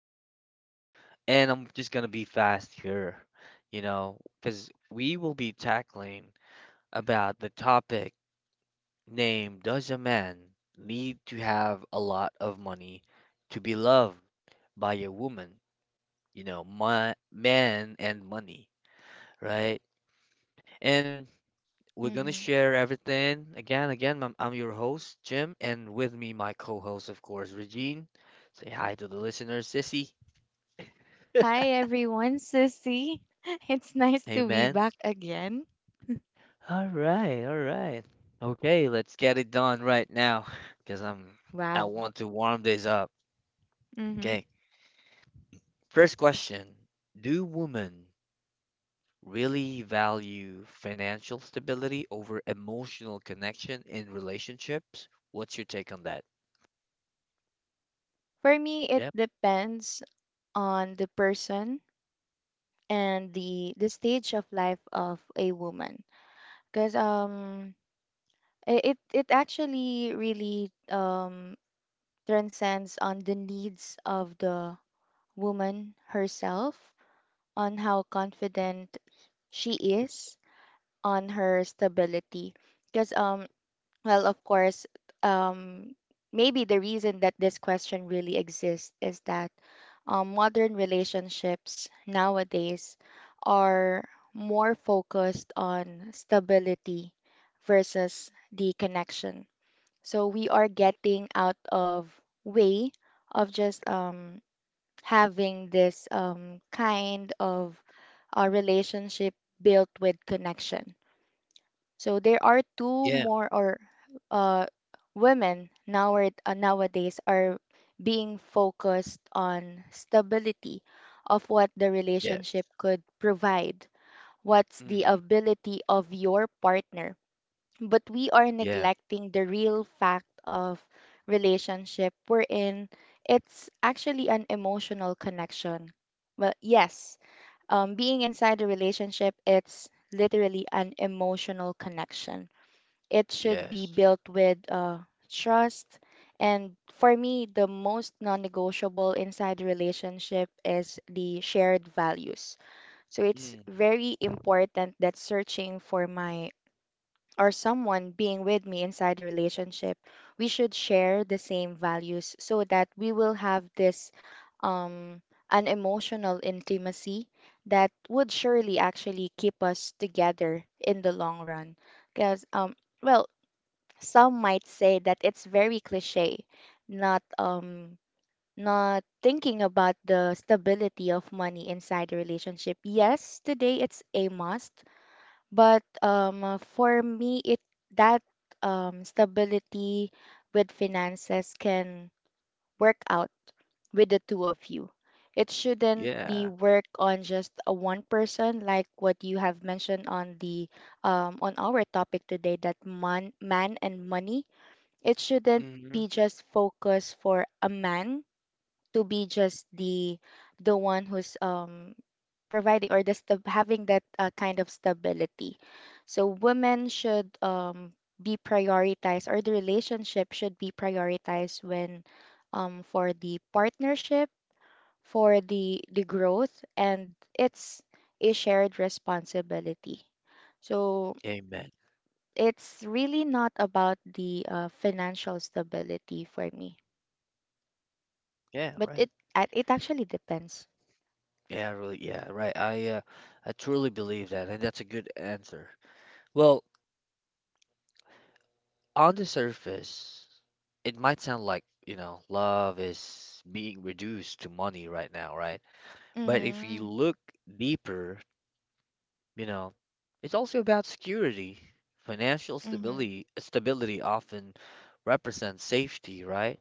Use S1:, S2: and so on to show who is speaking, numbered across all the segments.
S1: show. And I'm just going to be fast here, you know, because we will be tackling about the topic name does a man need to have a lot of money to be loved by a woman? You know, my, man and money, right? And we're going to
S2: Mm-hmm.
S1: share everything. Again, I'm your host, Jim, and with me, my co host, of course, Regine. Say hi to the listeners, Sissy.
S2: Hi everyone, Sissy. It's nice to be
S1: Amen.
S2: back again.
S1: All right, all right. Okay, let's get it done right now because I
S2: Wow.
S1: want to warm this up.
S2: Mm-hmm.
S1: Okay. First question, do women really value financial stability over emotional connection in relationships? What's your take on that?
S2: For me, it
S1: Yep.
S2: depends on the person and the stage of life of a woman. Because it actually really transcends on the needs of the woman herself, on how confident she is, on her stability. Because. Well, of course, um, maybe the reason that this question really exists is that modern relationships nowadays are more focused on stability versus the connection. So we are getting out of way of just having this kind of relationship built with connection, so there are two
S1: Yeah.
S2: more or uh, women now nowadays are being focused on stability of what the relationship
S1: Yes.
S2: could provide. What's the
S1: Mm-hmm.
S2: ability of your partner? But we are
S1: Yeah.
S2: neglecting the real fact of relationship wherein it's actually an emotional connection. Well, yes, being inside a relationship, it's literally an emotional connection. It should be
S1: Yes.
S2: built with trust. And for me, the most non negotiable inside the relationship is the shared values. So it's
S1: Mm.
S2: very important that searching for my or someone being with me inside the relationship, we should share the same values so that we will have this um, an emotional intimacy that would surely actually keep us together in the long run. Because, well, some might say that it's very cliche, not um not thinking about the stability of money inside a relationship. Yes, today it's a must, but for me it that stability with finances can work out with the two of you. It shouldn't be
S1: Yeah.
S2: work on just a one person, like what you have mentioned on the on our topic today that man and money. It shouldn't
S1: Mm-hmm.
S2: be just focused for a man to be just the one who's providing or the stab having that kind of stability, so women should be prioritized or the relationship should be prioritized when for the partnership, for the growth, and it's a shared responsibility, so
S1: Amen.
S2: it's really not about the financial stability for me.
S1: Yeah,
S2: But
S1: right.
S2: it it actually depends.
S1: Yeah, really. Yeah, right. I truly believe that, and that's a good answer. Well, on the surface, it might sound like, you know, love is being reduced to money right now, right? But if you
S2: Mhm.
S1: look deeper, you know, it's also about security. Financial
S2: Mhm.
S1: stability stability often represents safety, right?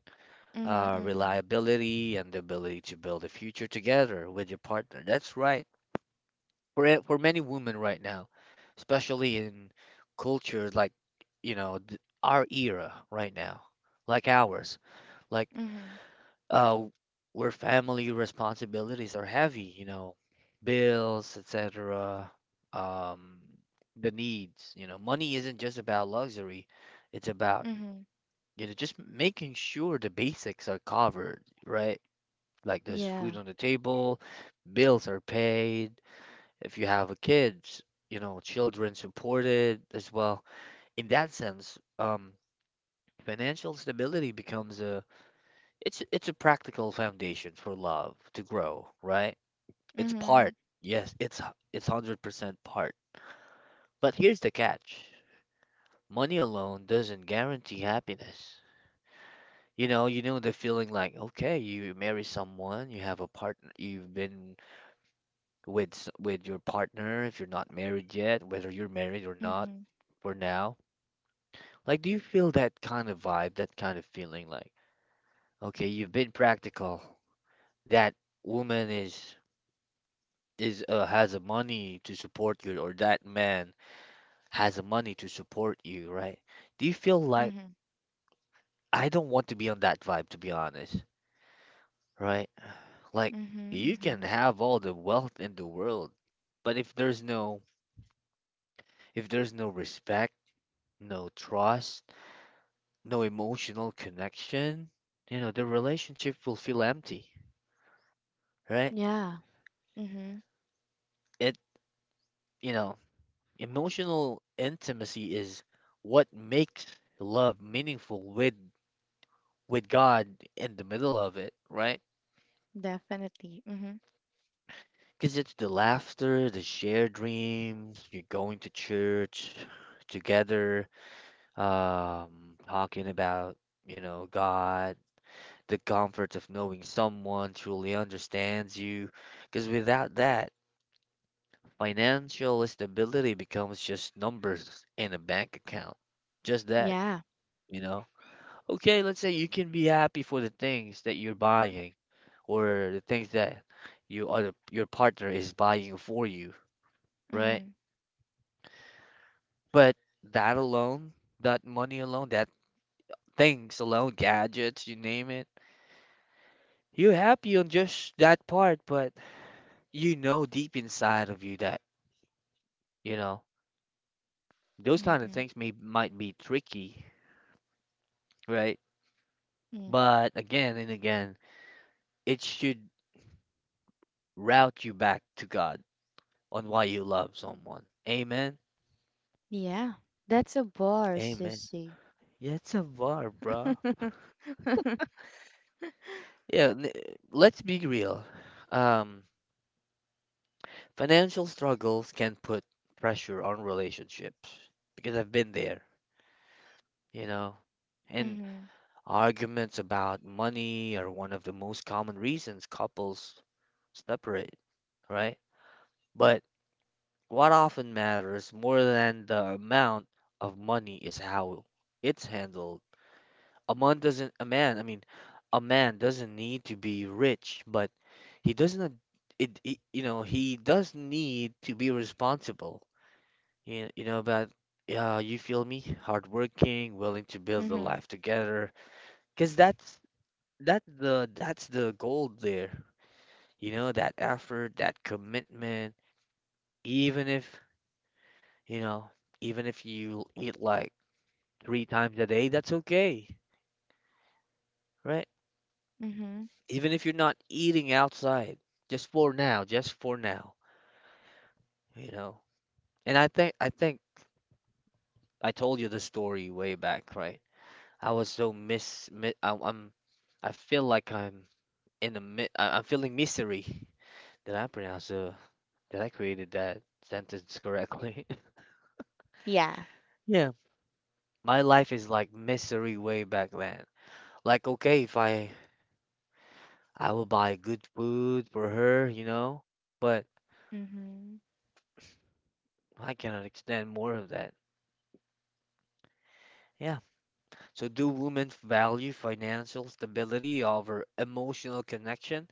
S2: Mhm. Mhm.
S1: Reliability and the ability to build a future together with your partner. That's right. For many women right now, especially in culture like our era right now, like ours, like
S2: Mhm.
S1: uh, where family responsibilities are heavy, you know, bills, etc. Um, the needs, you know, money isn't just about luxury; it's about
S2: Mhm.
S1: you know just making sure the basics are covered, right? Like there's
S2: Yeah.
S1: food on the table, bills are paid, if you have a kids, you know, children supported as well. In that sense, financial stability becomes a it's a practical foundation for love to grow, right? It's
S2: Mhm.
S1: part. Yes, it's 100% part. But here's the catch. Money alone doesn't guarantee happiness. You know the feeling like, okay, you marry someone, you have a partner, you've been with with your partner if you're not married yet, whether you're married or not
S2: Mhm.
S1: for now. Like, do you feel that kind of vibe, that kind of feeling like, okay, you've been practical. That woman is has a money to support you, or that man has a money to support you, right? Do you feel like
S2: Mhm.
S1: I don't want to be on that vibe, to be honest, right? Like,
S2: Mhm.
S1: you can
S2: Mhm.
S1: have all the wealth in the world, but if there's no respect, no trust, no emotional connection, you know, the relationship will feel empty, right?
S2: Yeah. Mhm.
S1: It you know, emotional intimacy is what makes love meaningful with God in the middle of it, right?
S2: Definitely. Mhm.
S1: Because it's the laughter, the shared dreams, you're going to church together, um, talking about, you know, God, the comfort of knowing someone truly understands you. Because without that, financial stability becomes just numbers in a bank account. Just that,
S2: Yeah.
S1: you know? Okay, let's say you can be happy for the things that you're buying or the things that you other your partner is buying for you, right?
S2: Mhm.
S1: But that alone, that money alone, that things alone, gadgets, you name it, you're happy on just that part, but you know deep inside of you that, you know, those kind of
S2: Mhm.
S1: things may might be tricky, right?
S2: Mm.
S1: But again and again, it should route you back to God on why you love someone. Amen.
S2: Yeah. That's a bar,
S1: Amen.
S2: sissy.
S1: Yeah, it's a war, bro. Yeah, n- let's be real. Um, Financial struggles can put pressure on relationships because I've been there, you know. And
S2: Mhm.
S1: arguments about money are one of the most common reasons couples separate, right? But what often matters more than the amount of money is how it's handled. A man doesn't a man I mean a man doesn't need to be rich, but he doesn't it, it you know he does need to be responsible, you know about yeah you feel me, hardworking, willing to build a
S2: Mhm.
S1: life together, because that's the gold there, you know, that effort, that commitment, even if you know even if you eat like three times a day, that's okay, right?
S2: Mhm.
S1: Even if you're not eating outside, just for now, you know. And I think I told you the story way back, right? I was so mis, mi I feel like I'm in the mi I- I'm feeling misery. Did I pronounce the did I created that sentence correctly?
S2: Yeah.
S1: Yeah. My life is like misery way back then. Like okay, if I I will buy good food for her, you know, but
S2: Mhm.
S1: I cannot extend more of that. Yeah. So, do women value financial stability over emotional connection?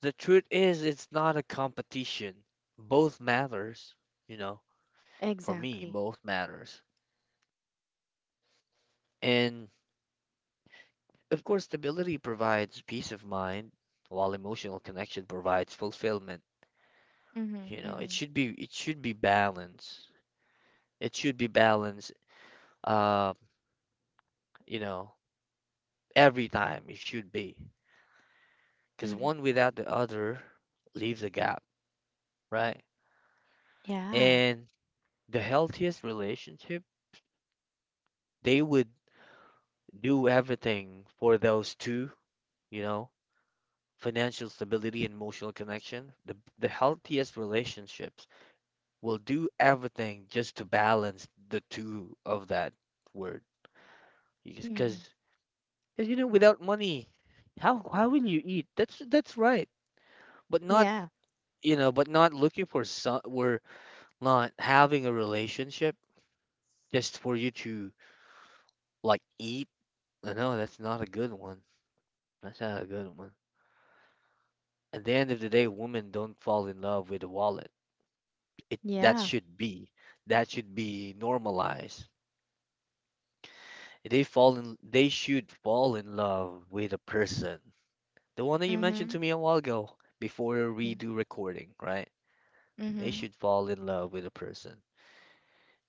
S1: The truth is, it's not a competition. Both matters, you know, for me,
S2: Exactly.
S1: both matters. And of course, stability provides peace of mind, while emotional connection provides fulfillment.
S2: Mhm.
S1: You know,
S2: Mhm.
S1: it should be balance. It should be balance, uh, you know, every time it should be. Because
S2: Mhm.
S1: one without the other leaves a gap, right?
S2: Yeah.
S1: And the healthiest relationship, they would do everything for those two, you know, financial stability and emotional connection. The healthiest relationships will do everything just to balance the two of that word.
S2: Mhm.
S1: Because you know, without money, how will you eat? That's right. But not
S2: Yeah.
S1: you know, but not looking for some or not having a relationship just for you to like eat. No, that's not a good one. That's not a good one. At the end of the day, women don't fall in love with a wallet. It
S2: Yeah.
S1: that should be normalized. They should fall in love with a person. The one that you mentioned
S2: Mhm.
S1: to me a while ago before we do recording, right? They
S2: Mm-hmm.
S1: should fall in love with a person.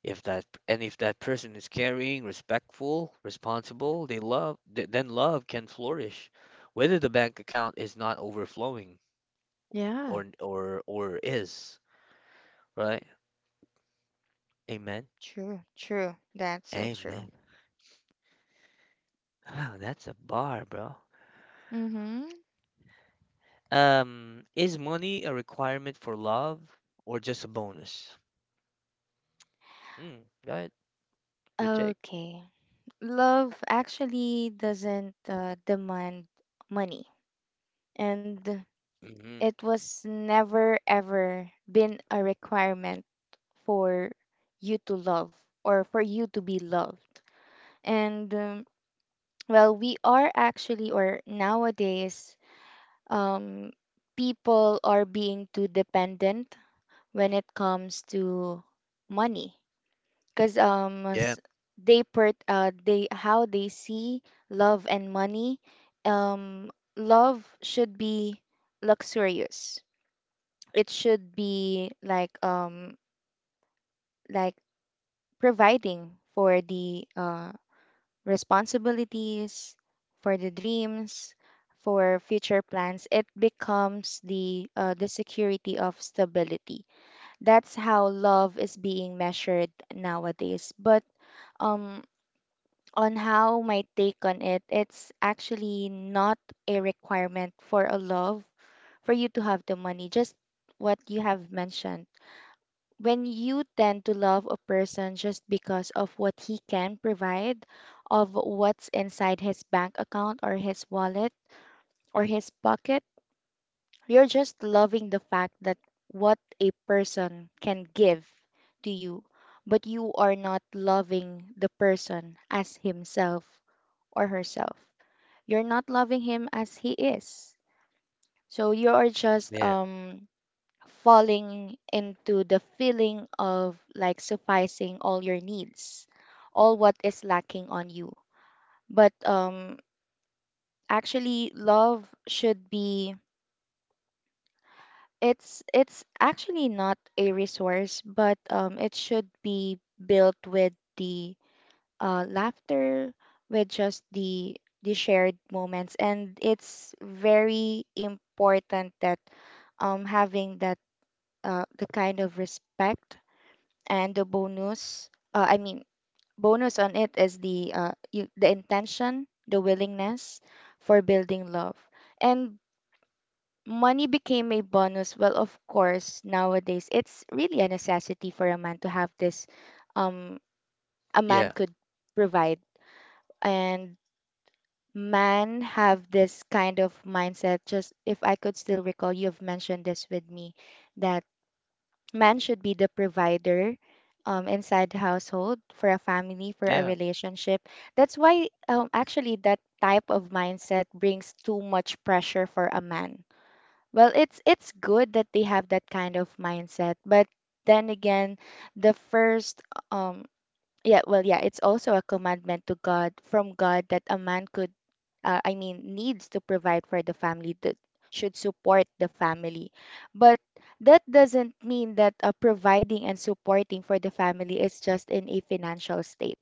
S1: If that person is caring, respectful, responsible, then love can flourish. Whether the bank account is not overflowing
S2: Yeah,
S1: or or is, right? Amen.
S2: true, true. That's so true.
S1: Amen. Oh, that's a bar, bro.
S2: Mm-hmm.
S1: Is money a requirement for love or just a bonus? Mm, right. Good take.
S2: Okay. Love actually doesn't demand money, and
S1: Hmm.
S2: it was never ever been a requirement for you to love or for you to be loved. And we are actually, or nowadays, um, people are being too dependent when it comes to money because
S1: Yeah,
S2: they per they how they see love and money. um Love should be luxurious. It should be like like providing for the responsibilities, for the dreams, for future plans. It becomes the security of stability. That's how love is being measured nowadays, but um on how my take on it, it's actually not a requirement for a love for you to have the money, just what you have mentioned. When you tend to love a person just because of what he can provide, of what's inside his bank account or his wallet or his pocket, you're just loving the fact that what a person can give to you, but you are not loving the person as himself or herself. You're not loving him as he is. So you are just
S1: yeah,
S2: falling into the feeling of like sufficing all your needs, all what is lacking on you. But actually love should be it's actually not a resource, but it should be built with the laughter, with just the shared moments. And it's very important that having that the kind of respect. And the bonus, I mean, bonus on it is the the intention, the willingness for building love, and money became a bonus. Well, of course, nowadays it's really a necessity for a man to have this. Um, a man
S1: yeah,
S2: could provide, and men have this kind of mindset. Just if I could still recall, you've mentioned this with me that men should be the provider inside the household, for a family, for a
S1: yeah.
S2: relationship. That's why actually that type of mindset brings too much pressure for a man. Well, it's good that they have that kind of mindset, but then again, the first um yeah, it's also a commandment to God, from God, that a man could, I mean, needs to provide for the family, that should support the family. But that doesn't mean that providing and supporting for the family is just in a financial state.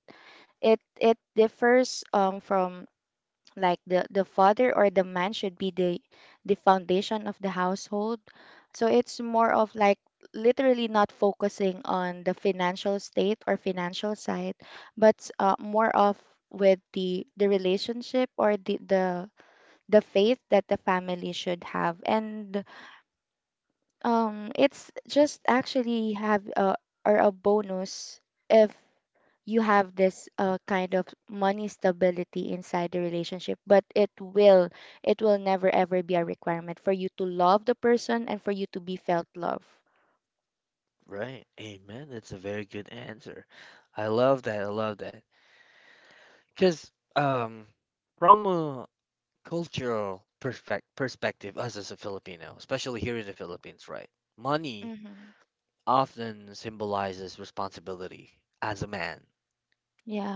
S2: It differs from like the father or the man should be the foundation of the household. So it's more of like literally not focusing on the financial state or financial side, but more of with the relationship or the faith that the family should have. And it's just actually have a, or a bonus if you have this kind of money stability inside the relationship, but it will never ever be a requirement for you to love the person and for you to be felt love.
S1: Right. Amen. That's a very good answer. I love that. I love that. Because um, from a cultural perspec perspective, us as a Filipino, especially here in the Philippines, right? Money
S2: Mm-hmm.
S1: often symbolizes responsibility as a man,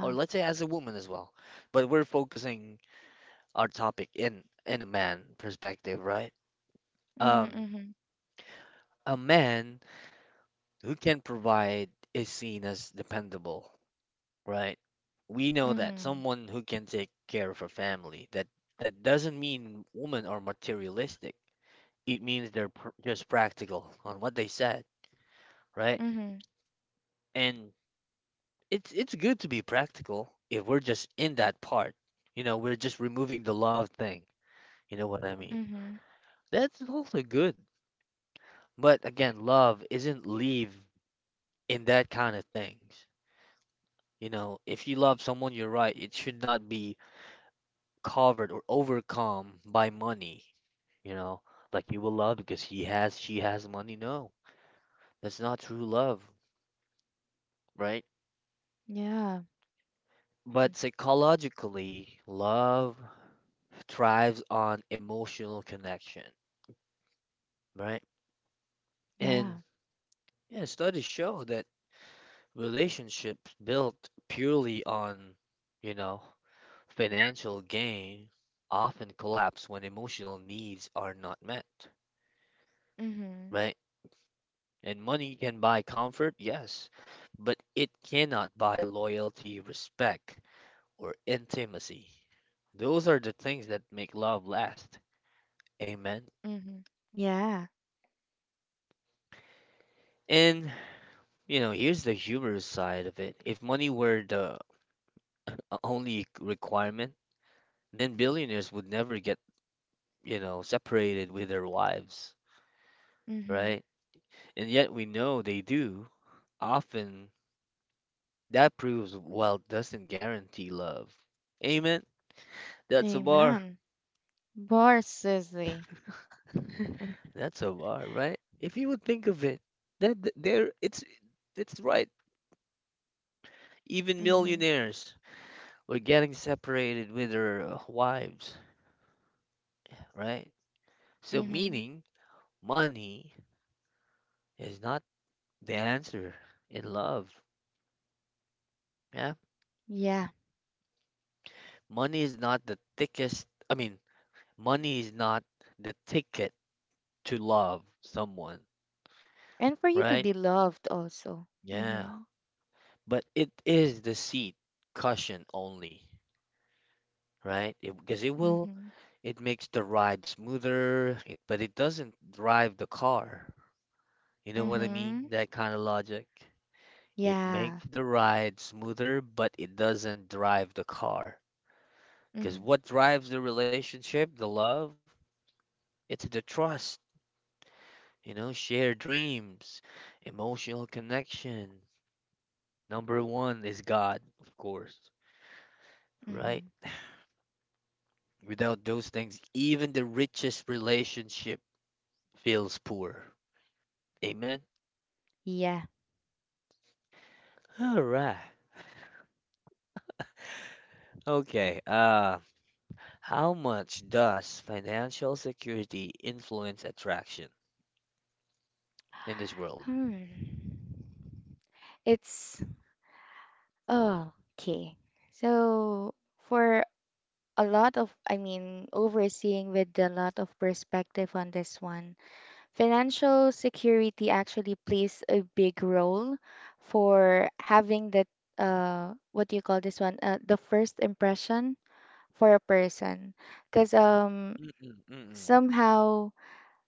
S1: or let's say as a woman as well. But we're focusing our topic in a man perspective, right?
S2: Mm-hmm,
S1: Um,
S2: mm-hmm,
S1: a man who can provide is seen as dependable, right? We know that
S2: mm-hmm,
S1: someone who can take care of a family, that doesn't mean women are materialistic. It means they're just practical on what they said, right?
S2: mm-hmm,
S1: And it's good to be practical if we're just in that part. You know, we're just removing the love thing. You know what I mean?
S2: mm-hmm.
S1: That's also good. But again, love isn't leave in that kind of things. You know, if you love someone, you're right. It should not be covered or overcome by money. You know, like you will love because he has, she has money. No, that's not true love, right?
S2: Yeah. Mm.
S1: But psychologically, love thrives on emotional connection, right?
S2: Yeah.
S1: And yeah, studies show that relationships built purely on, you know, financial gain often collapse when emotional needs are not met,
S2: Mhm.
S1: right? And money can buy comfort, yes, but it cannot buy loyalty, respect, or intimacy. Those are the things that make love last. Amen.
S2: Mhm. Yeah.
S1: And, you know, here's the humorous side of it. If money were the only requirement, then billionaires would never get, you know, separated with their wives,
S2: Mhm.
S1: right? And yet we know they do, often. That proves wealth doesn't guarantee love. Amen. That's a bar.
S2: Amen. Bar Sisley.
S1: That's a bar, right? If you would think of it, that th- there it's right. Even
S2: Mhm.
S1: millionaires were getting separated with their wives, right? So
S2: Mhm.
S1: meaning money is not the answer in love. Yeah?
S2: Yeah.
S1: Money is not the thickest I mean, money is not the ticket to love someone,
S2: And for you to
S1: right?
S2: be loved also.
S1: Yeah.
S2: Mhm.
S1: But it is the seat cushion only, right? Because
S2: Mhm.
S1: it makes the ride smoother, but it doesn't drive the car. You know what I mean?
S2: Mhm.
S1: That kind of logic. It
S2: Yeah.
S1: makes the ride smoother, but it doesn't drive the car. Because
S2: Mhm.
S1: what drives the relationship, the love, it's the trust, you know, shared dreams, emotional connection. Number one is God, of course, right?
S2: Mhm.
S1: Without those things, even the richest relationship feels poor. Amen.
S2: Yeah.
S1: All right. Okay. How much does financial security influence attraction in this world?
S2: Hmm. It's okay. So for a lot of, I mean, overseeing with a lot of perspective on this one, financial security actually plays a big role for having that what do you call this one the first impression for a person, because
S1: Mm-mm, mm-mm.
S2: somehow,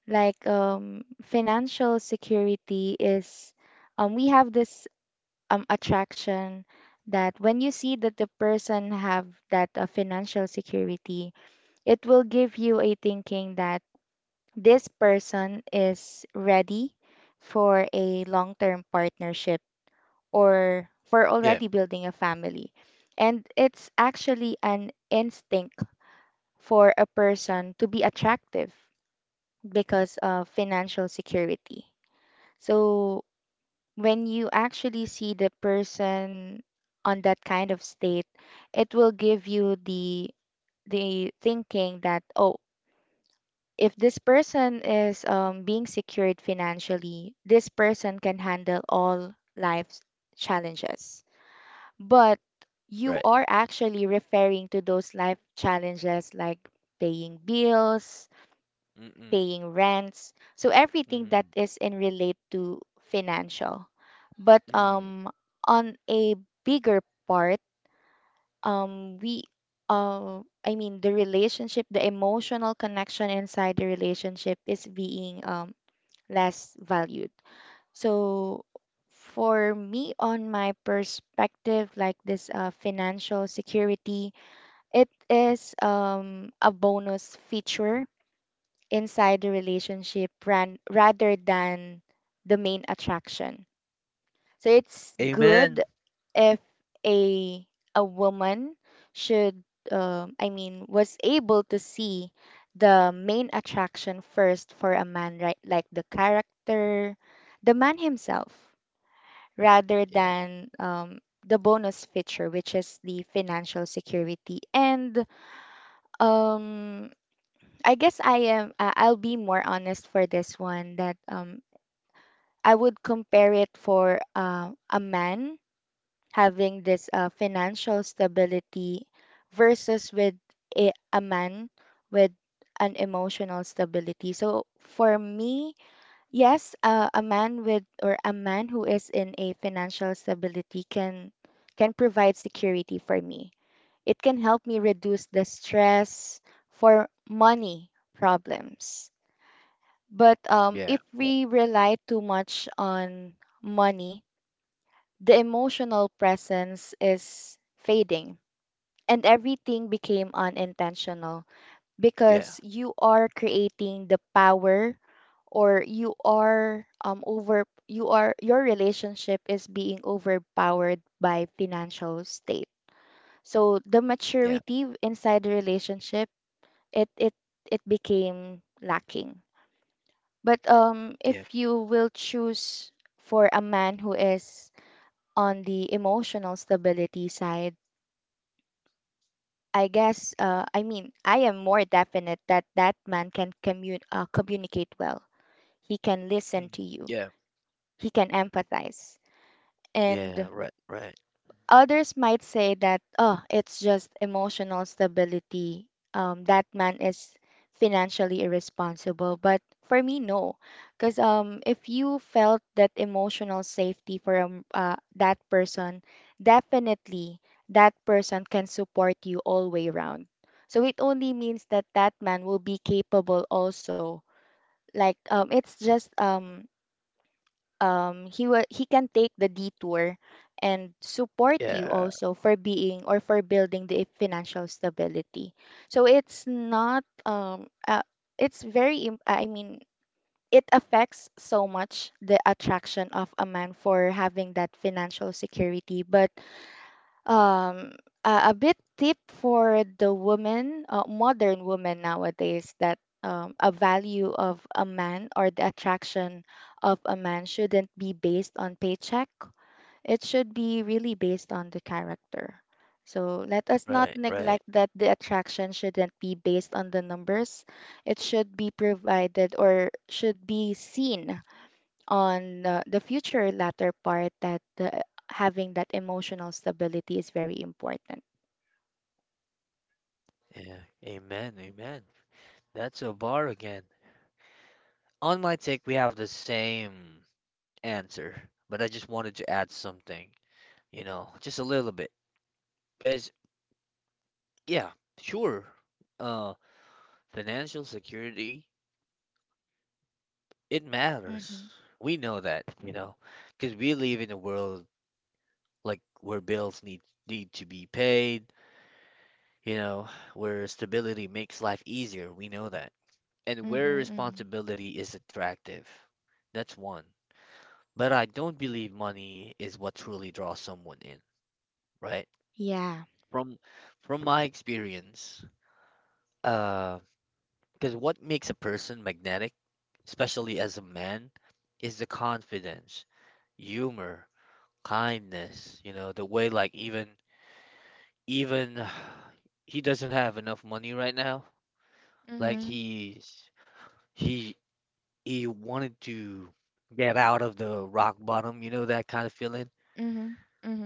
S2: like financial security is we have this attraction that when you see that the person have that financial security, it will give you a thinking that this person is ready for a long term partnership or for
S1: Yeah.
S2: already building a family. And it's actually an instinct for a person to be attractive because of financial security. So when you actually see the person on that kind of state, it will give you the thinking that, oh, if this person is being secured financially, this person can handle all life's challenges. But you
S1: Right.
S2: are actually referring to those life challenges like paying bills,
S1: Mm-mm,
S2: paying rents, so everything that
S1: mm-hmm,
S2: is in relate to financial. But
S1: mm-hmm.
S2: on a bigger part, we I mean the relationship, the emotional connection inside the relationship is being less valued. So for me, on my perspective, like this financial security, it is a bonus feature inside the relationship rather than the main attraction. So it's good
S1: Amen.
S2: if a a woman should I mean was able to see the main attraction first for a man, right? Like the character, the man himself, rather
S1: Yeah.
S2: than the bonus feature, which is the financial security. And um, I guess I'll be more honest for this one that I would compare it for a man having this financial stability versus with a man with an emotional stability. So for me, yes, a man with or a man who is in a financial stability can provide security for me. It can help me reduce the stress for money problems. But if
S1: Yeah. Right.
S2: we rely too much on money, the emotional presence is fading and everything became unintentional,
S1: Yeah.
S2: because you are creating the power, or you are your relationship is being overpowered by financial state, so the
S1: Yeah.
S2: maturity inside the relationship it it became lacking. But
S1: Yeah.
S2: if you will choose for a man who is on the emotional stability side, I guess, I mean, I am more definite that that man can communicate well. He can listen to
S1: Mm-hmm.
S2: you,
S1: Yeah.
S2: he can empathize. And
S1: Yeah. Right. Right.
S2: others might say that, oh, it's just emotional stability. That man is financially irresponsible. But for me, no. Because if you felt that emotional safety from that person, definitely that person can support you all way round. So it only means that that man will be capable also. Like it's just he will he can take the detour and support you
S1: Yeah.
S2: also for being or for building the financial stability. So it's not it's very im- I mean it affects so much the attraction of a man for having that financial security, but um a bit tip for the woman, modern woman nowadays, that a value of a man or the attraction of a man shouldn't be based on paycheck. It should be really based on the character. So let us not
S1: Right. Right.
S2: neglect that the attraction shouldn't be based on the numbers. It should be provided or should be seen on the future latter part, that having that emotional stability is very important.
S1: Yeah. Amen. Amen. That's a bar again. On my take, we have the same answer, but I just wanted to add something, you know, just a little bit. Because, yeah, sure, uh, financial security, it matters.
S2: Mm-hmm.
S1: We know that, because we live in a world like where bills need to be paid, you know, where stability makes life easier. We know that. And
S2: Mm-hmm.
S1: where
S2: Mm-hmm.
S1: responsibility is attractive. That's one. But I don't believe money is what truly draws someone in, right?
S2: Yeah.
S1: From from my experience, uh, because what makes a person magnetic, especially as a man, is the confidence, humor, kindness, the way like even he doesn't have enough money right now. Like
S2: Mm-hmm.
S1: he he wanted to get out of the rock bottom, that kind of feeling.
S2: Mm-hmm. Mm-hmm.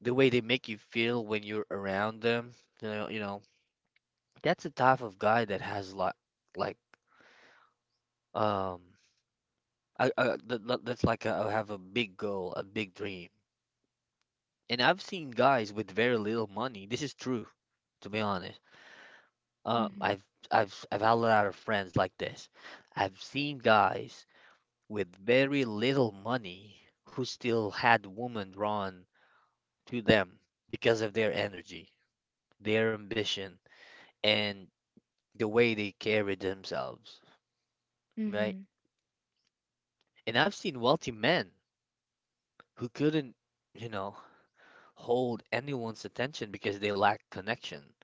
S1: The way they make you feel when you're around them, you know, you know, that's the type of guy that has like um that's like a, I have a big goal, a big dream. And I've seen guys with very little money. This is true, to be honest. Uh,
S2: Mm-hmm.
S1: I've I've had a lot of friends like this. I've seen guys with very little money who still had women drawn to them because of their energy, their ambition, and the way they carried themselves,
S2: Mm-hmm.
S1: right? And I've seen wealthy men who couldn't, you know. hold anyone's attention because they lack connection,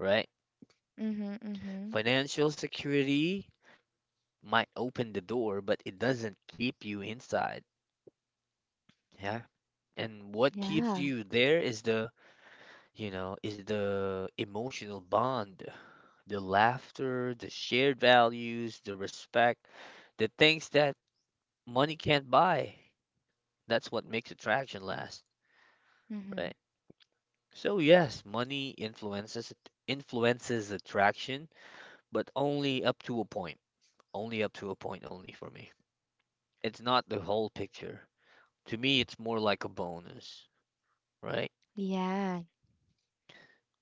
S1: right?
S2: Mm-hmm. Mm-hmm.
S1: Financial security might open the door, but it doesn't keep you inside. Yeah. And what keeps
S2: Yeah.
S1: you there is the emotional bond, the laughter, the shared values, the respect, the things that money can't buy. That's what makes attraction last,
S2: Mm-hmm.
S1: right? So yes, money influences attraction but only up to a point. Only up to a point only for me. It's not the whole picture. To me, it's more like a bonus, right?
S2: Yeah.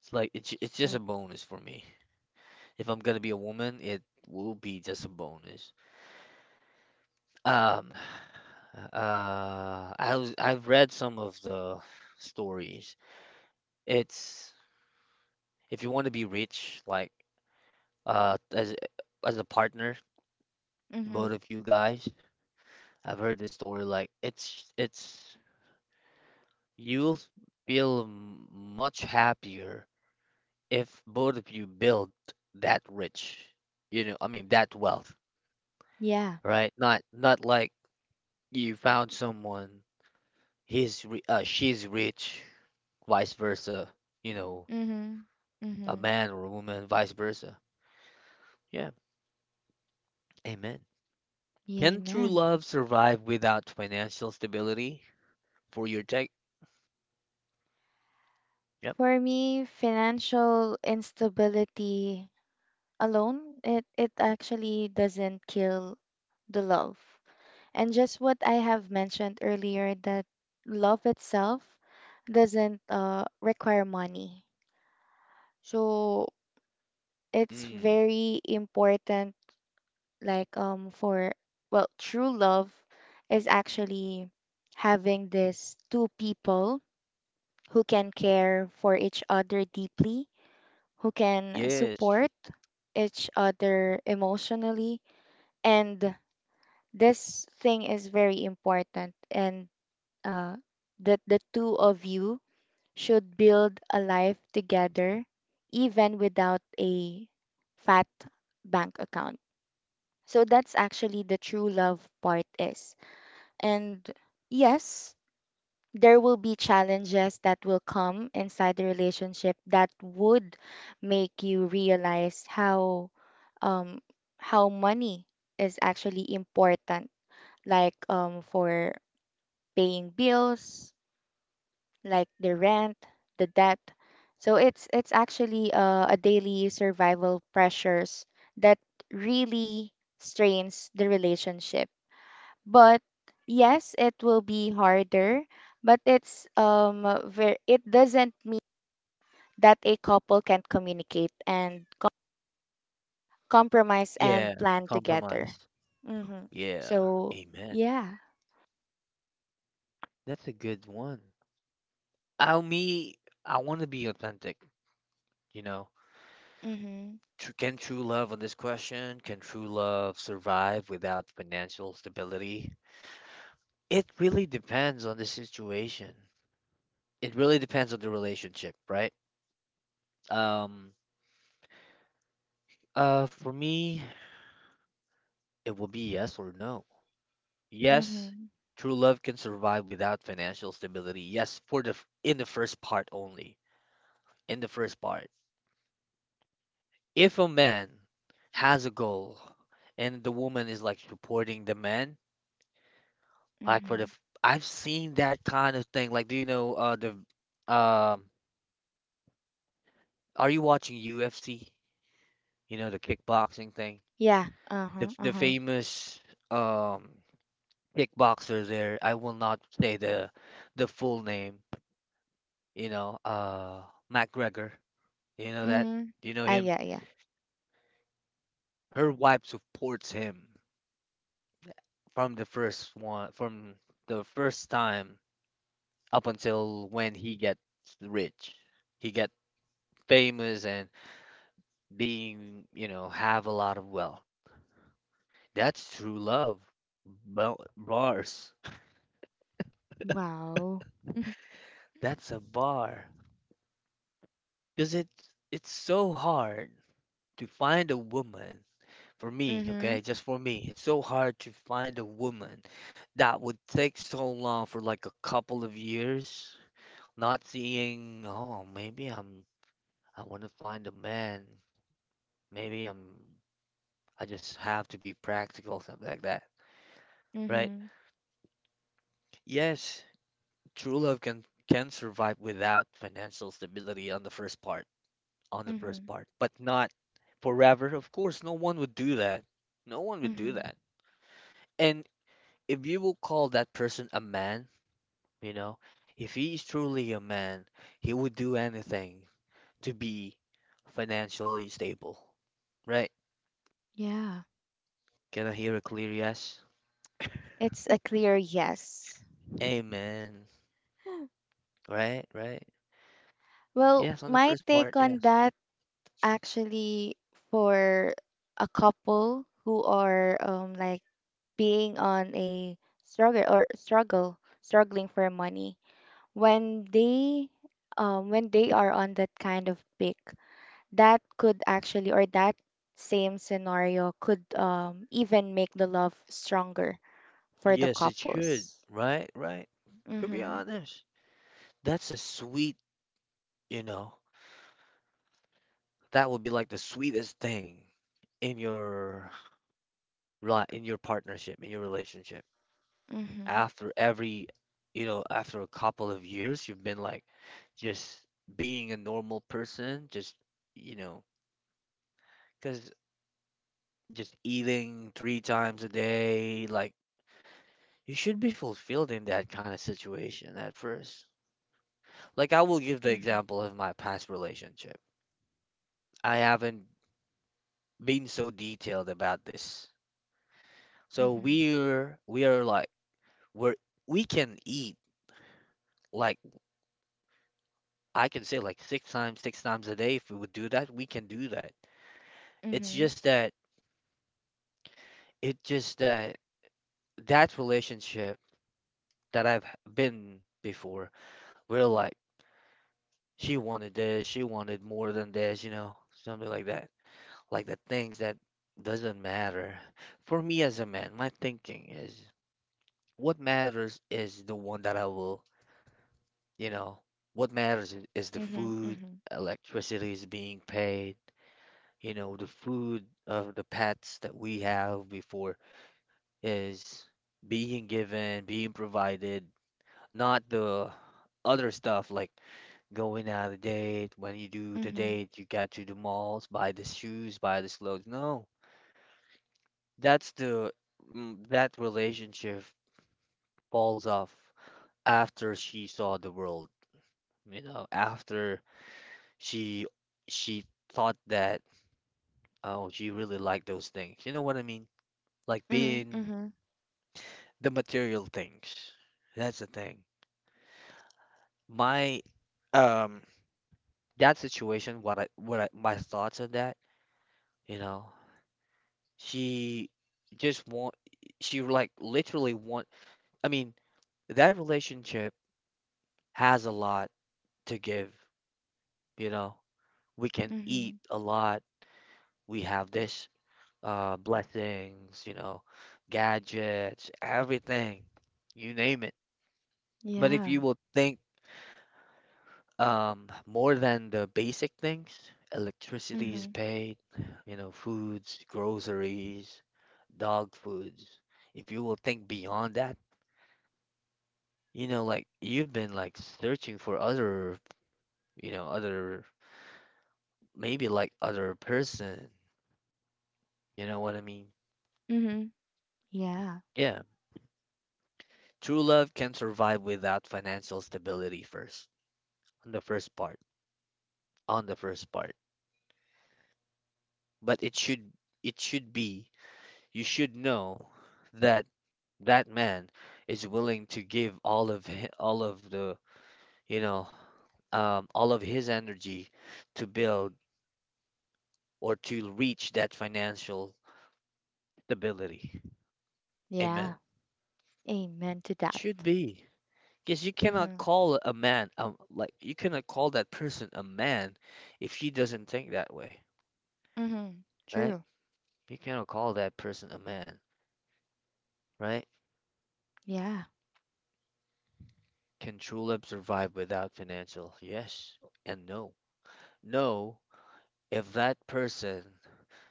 S1: It's like it's just a
S2: True.
S1: bonus for me. If I'm gonna be a woman, it will be just a bonus. Um, I've read some of the stories. It's if you want to be rich, like uh as as a partner, both
S2: Mm-hmm.
S1: of you guys. I've heard this story like it's you'll feel much happier if both of you build that rich, I mean that wealth,
S2: Yeah.
S1: right? Not like you found someone, he's re she's rich, vice versa, you know,
S2: Mm-hmm.
S1: a
S2: Mm-hmm.
S1: man or a woman, vice versa. Yeah, amen. Can true
S2: Amen.
S1: love survive without financial stability for your take? Yep.
S2: For me, financial instability alone, it actually doesn't kill the love. And just what I have mentioned earlier, that love itself doesn't require money. So it's
S1: Mm,
S2: very important, like for, well, true love is actually having this two people who can care for each other deeply, who can
S1: yes.
S2: support each other emotionally, and this thing is very important. And uh, that the two of you should build a life together even without a fat bank account. So that's actually the true love part is. And yes, there will be challenges that will come inside the relationship that would make you realize um how money is actually important, like for paying bills, like the rent, the debt. So it's actually a daily survival pressures that really strains the relationship. But yes, it will be harder, but it's it doesn't mean that a couple can't communicate and compromise
S1: Yeah,
S2: and plan together.
S1: compromise.
S2: Mhm.
S1: Yeah,
S2: So,
S1: amen.
S2: yeah.
S1: That's a good one. I me I want to be authentic, you know.
S2: Mhm.
S1: Can true love survive without financial stability? It really depends on the situation. It really depends on the relationship, right? Um, for me, it will be yes or no. Yes,
S2: Mhm.
S1: true love can survive without financial stability. Yes, in the first part only. In the first part. If a man has a goal and the woman is like supporting the man,
S2: Mhm.
S1: I've seen that kind of thing. Like, do you know the, um, are you watching UFC? You know the kickboxing thing.
S2: Yeah.
S1: The
S2: Uh-huh.
S1: f- the
S2: Uh-huh.
S1: famous um kickboxer there. I will not say the full name. You know, McGregor. You know that?
S2: Mhm.
S1: Do you know
S2: Ah,
S1: him?
S2: yeah, yeah.
S1: Her wife supports him from the first one, from the first time up until when he gets rich, he get famous and being, have a lot of wealth. That's true love. Bars.
S2: Wow.
S1: That's a bar. Because it's so hard to find a woman. For me,
S2: Mm-hmm.
S1: okay, just for me, it's so hard to find a woman that would take so long for like a couple of years, not seeing, oh, maybe I want to find a man. Maybe I just have to be practical, something like that, right?
S2: Mm-hmm.
S1: Yes, true love can survive without financial stability on the first part, on the first
S2: Mm-hmm.
S1: part, but not forever. Of course, no one would do that. No one would do
S2: Mm-hmm.
S1: that. And if you will call that person a man, you know, if he is truly a man, he would do anything to be financially stable, right?
S2: Yeah.
S1: Can I hear a clear yes?
S2: It's a clear yes.
S1: Amen. Right, right.
S2: Well,
S1: Yes, on the
S2: my
S1: first part,
S2: take on
S1: yes.
S2: that actually, for a couple who are like being on a struggle, or struggle struggling for money, when they when they are on that kind of pick, that could actually, or that same scenario could even make the love stronger for the
S1: Yes, it should.
S2: couples.
S1: Right, right. To be
S2: Mhm.
S1: honest. That's a sweet, you know, that would be like the sweetest thing in your partnership, in your relationship.
S2: Mhm.
S1: After after a couple of years, you've been like just being a normal person, you know, cause just eating 3 times a day, like you should be fulfilled in that kind of situation at first. Like I will give the
S2: Mhm.
S1: example of my past relationship. I haven't been so detailed about this. So
S2: Mhm.
S1: we are like we're we can eat like I can say like six times a day if we would do that, we can do that. It's
S2: Mhm.
S1: just that it just that that relationship that I've been before, we're like she wanted this, she wanted more than this, something like that. Like the things that doesn't matter. For me as a man, my thinking is what matters is the one that I will You know, what matters is the
S2: Mhm.
S1: food,
S2: Mhm.
S1: electricity is being paid, the food of the pets that we have before is being given, being provided, not the other stuff like going out of date. When you do the
S2: Mhm.
S1: date, you got to the malls, buy the shoes, buy the clothes. No, that's that relationship falls off after she saw the world, after She she thought that oh she really liked those things. You know what I mean? Like
S2: Mhm.
S1: being
S2: Mhm.
S1: the material things. That's the thing. My um that situation my thoughts on that, you know. She just want she like literally want I mean, that relationship has a lot to give, you know. We can eat
S2: Mhm.
S1: a lot. We have this blessings, gadgets, everything, you name it. But if
S2: Yeah.
S1: you will think more than the basic things, electricity is
S2: Mhm.
S1: paid, foods, groceries, dog foods. If you will think beyond that, like you've been like searching for other, other, maybe like other person, you know what I mean?
S2: Mhm. Yeah.
S1: Yeah. True love can survive without financial stability first, on the first part. On the first part, but it should be you should know that that man is willing to give all of the you know all of his energy to build or to reach that financial stability. Amen.
S2: Yeah. Amen to
S1: It
S2: that.
S1: should be. Because
S2: Mhm.
S1: you cannot call that person a man if he doesn't think that way,
S2: Mhm.
S1: right?
S2: True.
S1: You cannot call that person a man, right?
S2: Yeah.
S1: Can Trulab survive without financial? Yes and no. No, if that person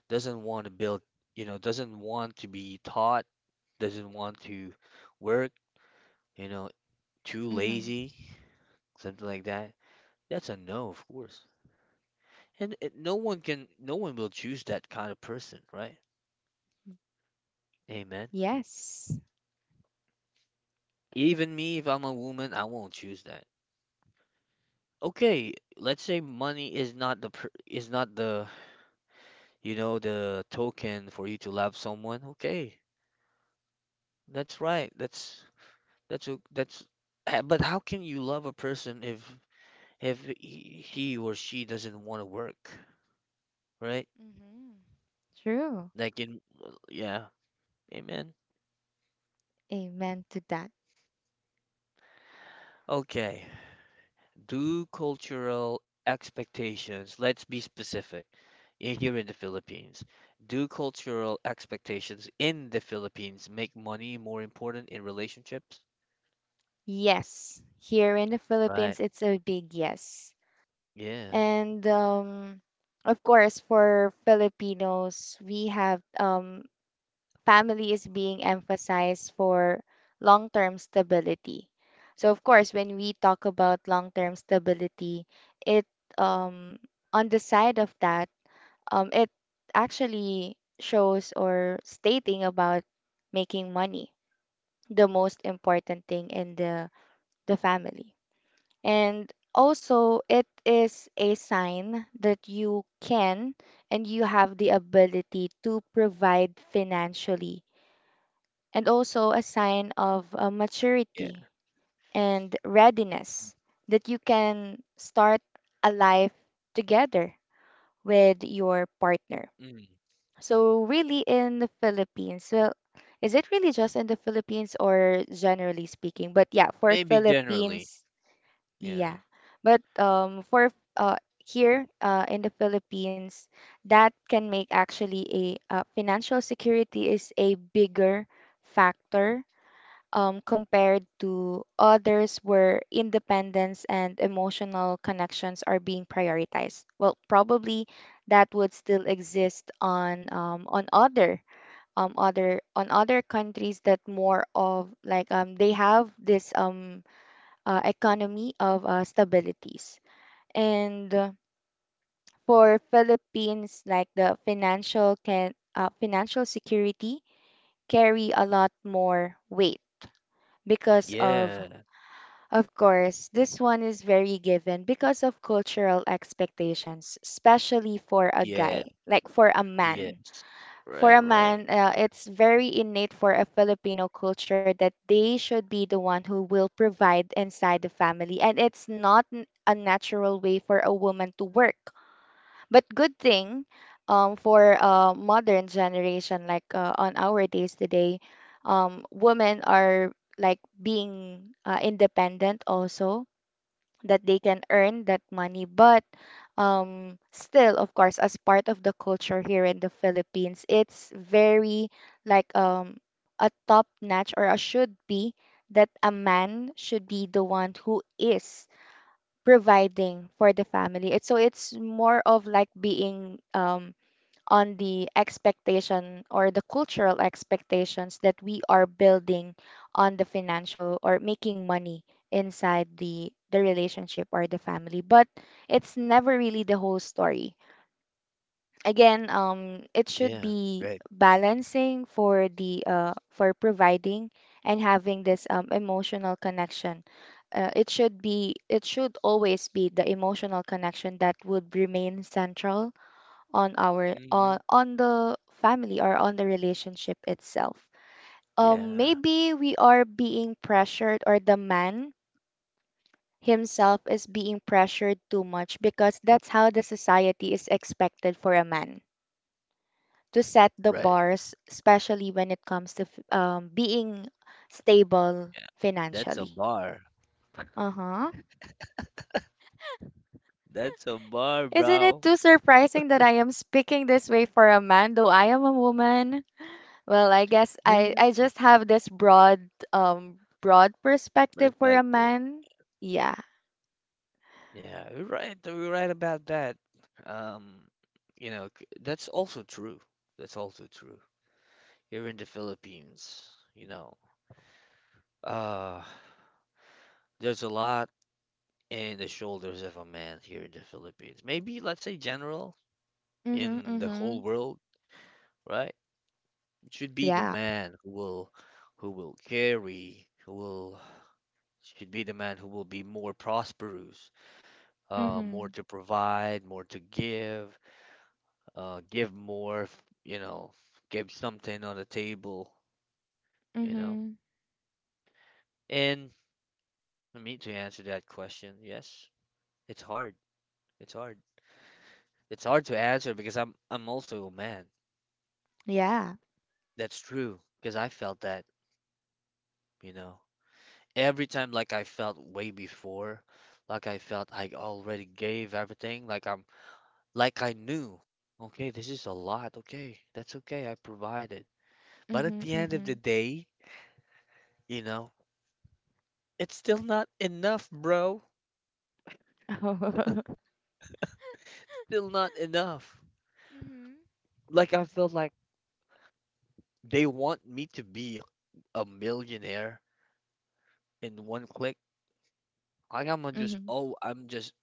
S1: doesn't want to build, doesn't want to be taught, doesn't want to work, you know, too
S2: Mhm.
S1: lazy, something like that, that's a no, of course. And no one can, no one will choose that kind of person, right? Amen.
S2: Yes.
S1: Even me, if I'm a woman, I won't choose that. Okay, let's say money is not the pr- is not the the token for you to love someone, okay? That's right. That's a that's But how can you love a person if he or she doesn't want to work, right?
S2: Mhm. True.
S1: Like in yeah, amen.
S2: Amen to that.
S1: Okay. Do cultural expectations, let's be specific. Here in the Philippines, do cultural expectations in the Philippines make money more important in relationships?
S2: Yes. Here in the
S1: Right.
S2: Philippines, it's a big yes.
S1: Yeah.
S2: And of course, for Filipinos, we have, family is being emphasized for long-term stability. So of course, when we talk about long-term stability, it um, on the side of that, it actually shows or stating about making money, the most important thing in the family. And also, it is a sign that you can and you have the ability to provide financially, and also a sign of
S1: Yeah.
S2: maturity and readiness that you can start a life together with your partner.
S1: Mm.
S2: So, really, in the Philippines, well, is it really just in the Philippines or generally speaking? But yeah, for
S1: Maybe generally.
S2: Philippines,
S1: Yeah.
S2: yeah. But for here in the Philippines, that can make actually a financial security is a bigger factor compared to others where independence and emotional connections are being prioritized. Well, probably that would still exist on other on other countries that more of like they have this economy of stabilities. And for Philippines, like the financial can financial security carry a lot more weight because of
S1: Yeah.
S2: of course this one is very given because of cultural expectations, especially for a guy,
S1: Yeah.
S2: like for a man,
S1: Yes.
S2: for a
S1: Right, right.
S2: man, it's very innate for a Filipino culture that they should be the one who will provide inside the family. And it's not a natural way for a woman to work. But good thing for modern generation, like on our days today, women are like being independent also, that they can earn that money. But still, of course, as part of the culture here in the Philippines, it's very like a top notch, or a should be that a man should be the one who is providing for the family. It's so it's more of like being on the expectation or the cultural expectations that we are building on the financial or making money inside the relationship or the family, but it's never really the whole story. Again, it should
S1: Yeah,
S2: be
S1: right.
S2: balancing for the for providing and having this emotional connection. It should be, it should always be the emotional connection that would remain central on our,
S1: Hmm.
S2: on the family or on the relationship itself.
S1: Yeah,
S2: Maybe we are being pressured, or the man himself is being pressured too much because that's how the society is expected for a man to set the
S1: right.
S2: bars, especially when it comes to being stable
S1: Yeah. That's a
S2: financially.
S1: bar.
S2: Uh huh.
S1: That's a bar,
S2: Isn't it
S1: bro.
S2: too surprising that I am speaking this way for a man, though I am a woman? Well, I guess
S1: Yeah. Yeah.
S2: I just have this broad broad perspective for a
S1: Perspective.
S2: man. Yeah.
S1: Yeah, you're right. You're right about that. Um, that's also true. That's also true. Here in the Philippines, you know, uh, there's a lot in the shoulders of a man here in the Philippines. Maybe let's say general
S2: Mm-hmm,
S1: in the
S2: mm-hmm,
S1: whole world, right? Should be the
S2: Yeah.
S1: man who will carry, who will should be the man who will be more prosperous, more
S2: Mm-hmm,
S1: to provide, more to give, give more, you know, give something on the table, you know.
S2: mm-hmm,
S1: And I mean to answer that question, yes, it's hard. It's hard. It's hard to answer because I'm also a man.
S2: Yeah.
S1: That's true because I felt that, you know. Every time like I felt way before, like I felt I already gave everything, like I knew, okay, this is a lot, okay, that's okay, I provided. But at
S2: Mm-hmm,
S1: the end of
S2: mm-hmm,
S1: the day, you know, it's still not enough, bro. Still not enough.
S2: mm-hmm,
S1: Like I felt like they want me to be a millionaire in one click. Like
S2: hmm,
S1: I'm just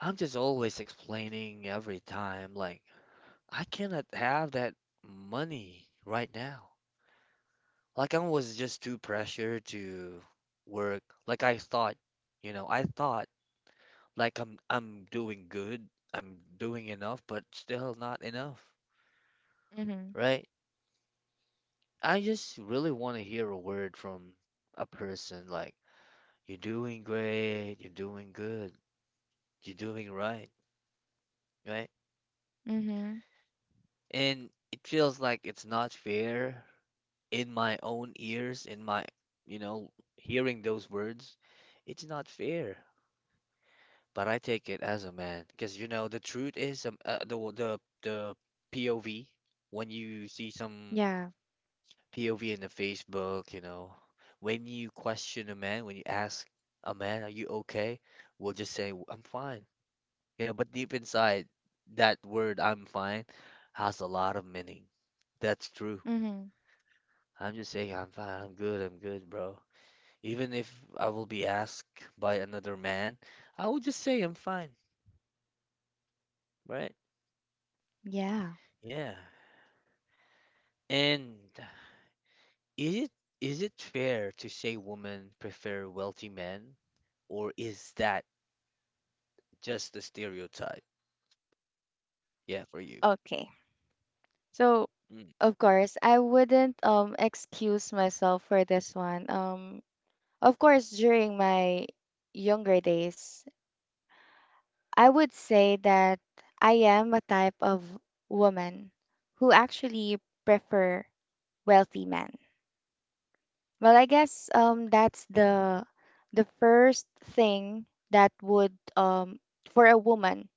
S1: I'm just always explaining every time, like I cannot have that money right now. Like I was just too pressured to work. Like I thought, I thought like I'm doing good, I'm doing enough, but still not enough,
S2: mm-hmm,
S1: right? I just really want to hear a word from a person like, you're doing great, you're doing good, you're doing right, right?
S2: mm-hmm,
S1: And it feels like it's not fair in my own ears, in my, you know, hearing those words. It's not fair. But I take it as a man because you know the truth is, the w- the POV, when you see some
S2: Yeah.
S1: POV in the Facebook, you know, when you question a man, when you ask a man, "Are you okay?" We'll just say, "I'm fine," you know. But deep inside, that word "I'm fine" has a lot of meaning. That's
S2: Mm hmm, mm hmm, yeah, mm hmm, mm hmm, mm hmm, hmm,
S1: true.
S2: mm hmm, hmm, yeah, mm hmm.
S1: I'm just saying I'm fine, I'm good, bro. Even if I will be asked by another man, I will just say I'm fine, right?
S2: Yeah.
S1: Yeah. And is it is it fair to say women prefer wealthy men, or is that just a stereotype? Yeah, for you.
S2: Okay. So,
S1: Mm.
S2: of course, I wouldn't excuse myself for this one. Of course, during my younger days, I would say that I am a type of woman who actually prefer wealthy men. Well, I guess that's the first thing that would for a woman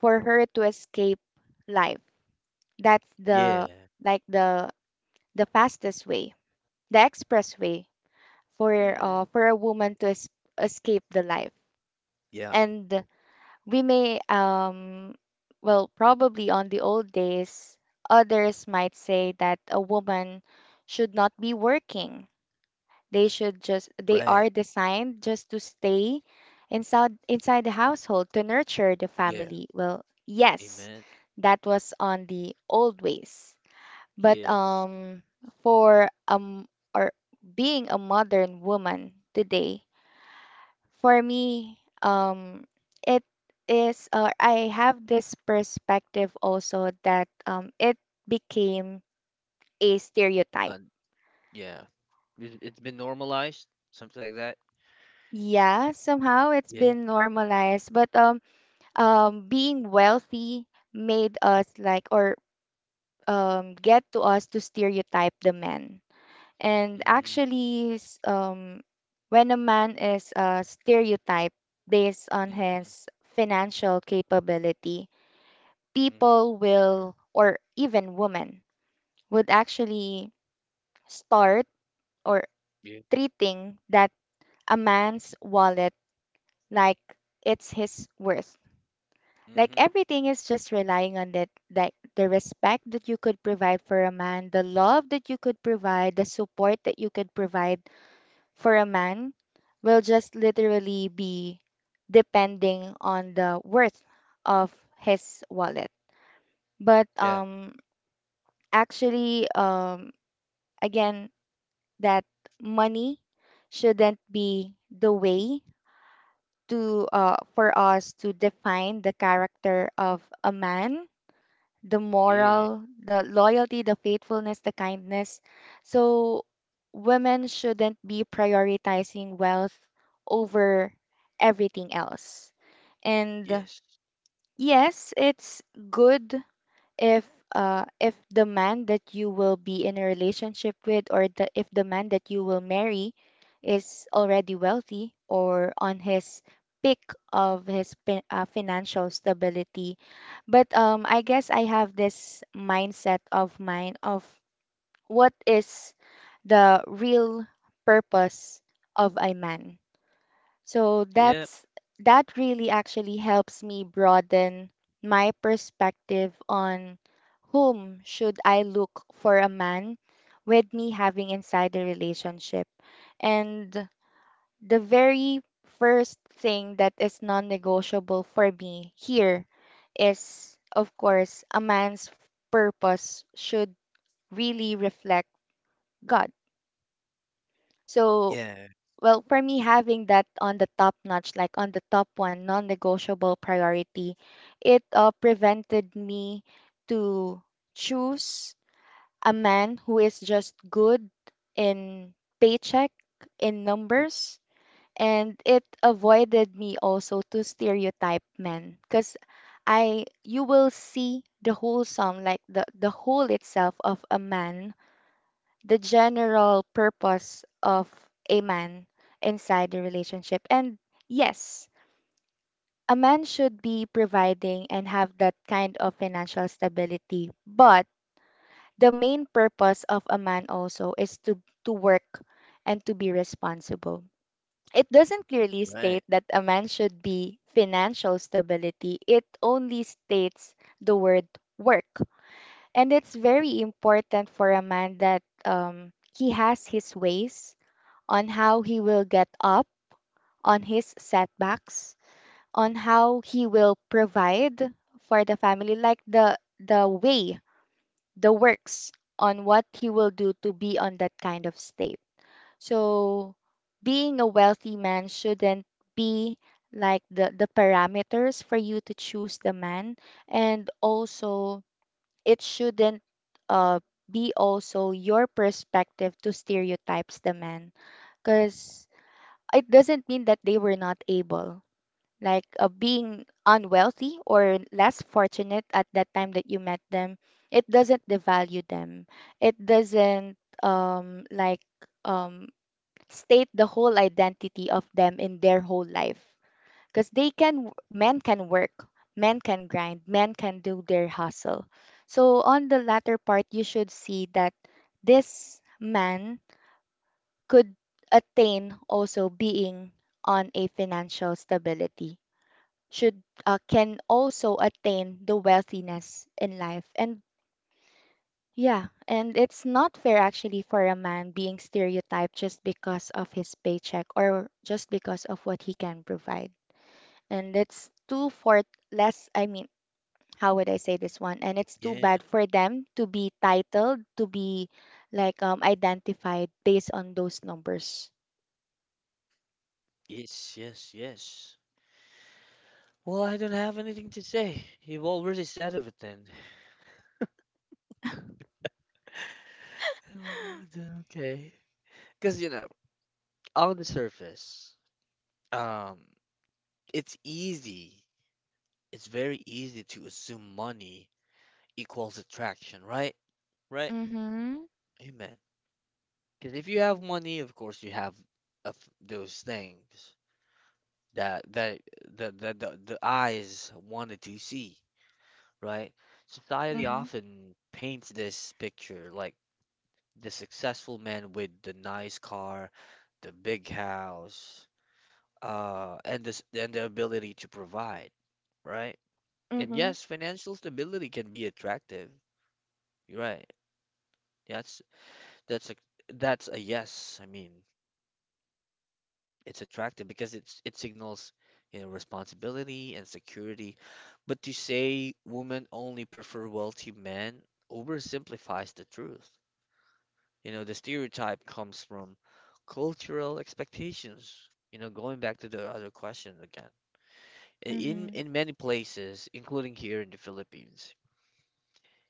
S2: for her to escape life. That's the,
S1: Yeah.
S2: like the fastest way, the express way for
S1: Mm.
S2: for a woman to es escape the life.
S1: Yeah,
S2: And we may, well, probably on the old days, others might say that a woman should not be working. They should just, they are
S1: right.
S2: designed just to stay inside the household to nurture the
S1: Yeah,
S2: family. Well, yes,
S1: amen.
S2: that was on the old ways. But
S1: Yes.
S2: for or being a modern woman today, for me, it is, or I have this perspective also that it became a stereotype.
S1: And yeah, it- it's been normalized, something like that.
S2: Yeah, somehow it's
S1: Yeah.
S2: been normalized, but being wealthy made us like, or get to us to stereotype the men. And
S1: Mm-hmm.
S2: actually, when a man is stereotyped based on
S1: Mm-hmm.
S2: his financial capability,
S1: Mm-hmm.
S2: people will, or even women, would actually start or
S1: Yeah.
S2: treating that a man's wallet like it's his worth. Like
S1: Mm-hmm.
S2: everything is just relying on that, like the respect that you could provide for a man, the love that you could provide, the support that you could provide for a man will just literally be depending on the worth of his wallet. But
S1: Yeah.
S2: actually, again that money shouldn't be the way to for us to define the character of a man, the
S1: Yeah.
S2: moral, the loyalty, the faithfulness, the kindness. So women shouldn't be prioritizing wealth over everything else. And
S1: Yes.
S2: yes, it's good if if the man that you will be in a relationship with, or the if the man that you will marry is already wealthy or on his peak of his financial stability. But I guess I have this mindset of mine of what is the real purpose of a man. So
S1: Yeah.
S2: that's, that really actually helps me broaden my perspective on whom should I look for a man with me having inside the relationship. And the very first thing that is non-negotiable for me here is, of course, a man's purpose should really reflect God. So,
S1: Yeah.
S2: well, for me, having that on the top notch, like on the top one, non-negotiable priority, it prevented me to choose a man who is just good in paycheck, in numbers, and it avoided me also to stereotype men, because I you will see the wholesome, like the whole itself of a man, the general purpose of a man inside the relationship. And yes, a man should be providing and have that kind of financial stability. But the main purpose of a man also is to work and to be responsible. It doesn't clearly state
S1: Right.
S2: that a man should be financial stability. It only states the word work. And it's very important for a man that he has his ways on how he will get up, on his setbacks, on how he will provide for the family, like the way, the works on what he will do to be on that kind of state. So being a wealthy man shouldn't be like the parameters for you to choose the man. And also, it shouldn't uh be also your perspective to stereotypes the man, because it doesn't mean that they were not able, like being unwealthy or less fortunate at that time that you met them, it doesn't devalue them. It doesn't um like um state the whole identity of them in their whole life, because they can, men can work, men can grind, men can do their hustle. So on the latter part, you should see that this man could attain also being on a financial stability, should can also attain the wealthiness in life. And yeah, and it's not fair actually for a man being stereotyped just because of his paycheck or just because of what he can provide. And it's too for less, I mean, how would I say this one, and it's too
S1: Yeah.
S2: bad for them to be titled to be like identified based on those numbers.
S1: Yes. Yes. Yes. Well, I don't have anything to say. You've already said everything. Oh. Okay. Because, you know, on the surface, um, it's easy. It's very easy to assume money equals attraction, right? Right?
S2: Mm-hmm.
S1: Amen. Because if you have money, of course, you have of those things that the eyes wanted to see, right? Society
S2: Mhm.
S1: often paints this picture like the successful man with the nice car, the big house, and this and the ability to provide, right? And
S2: Mhm.
S1: yes, financial stability can be attractive. You're right. That's that's a that's a yes. I mean, it's attractive because it signals, you know, responsibility and security. But to say women only prefer wealthy men oversimplifies the truth. You know, the stereotype comes from cultural expectations. You know, going back to the other question again. I- In
S2: Mhm.
S1: in many places, including here in the Philippines,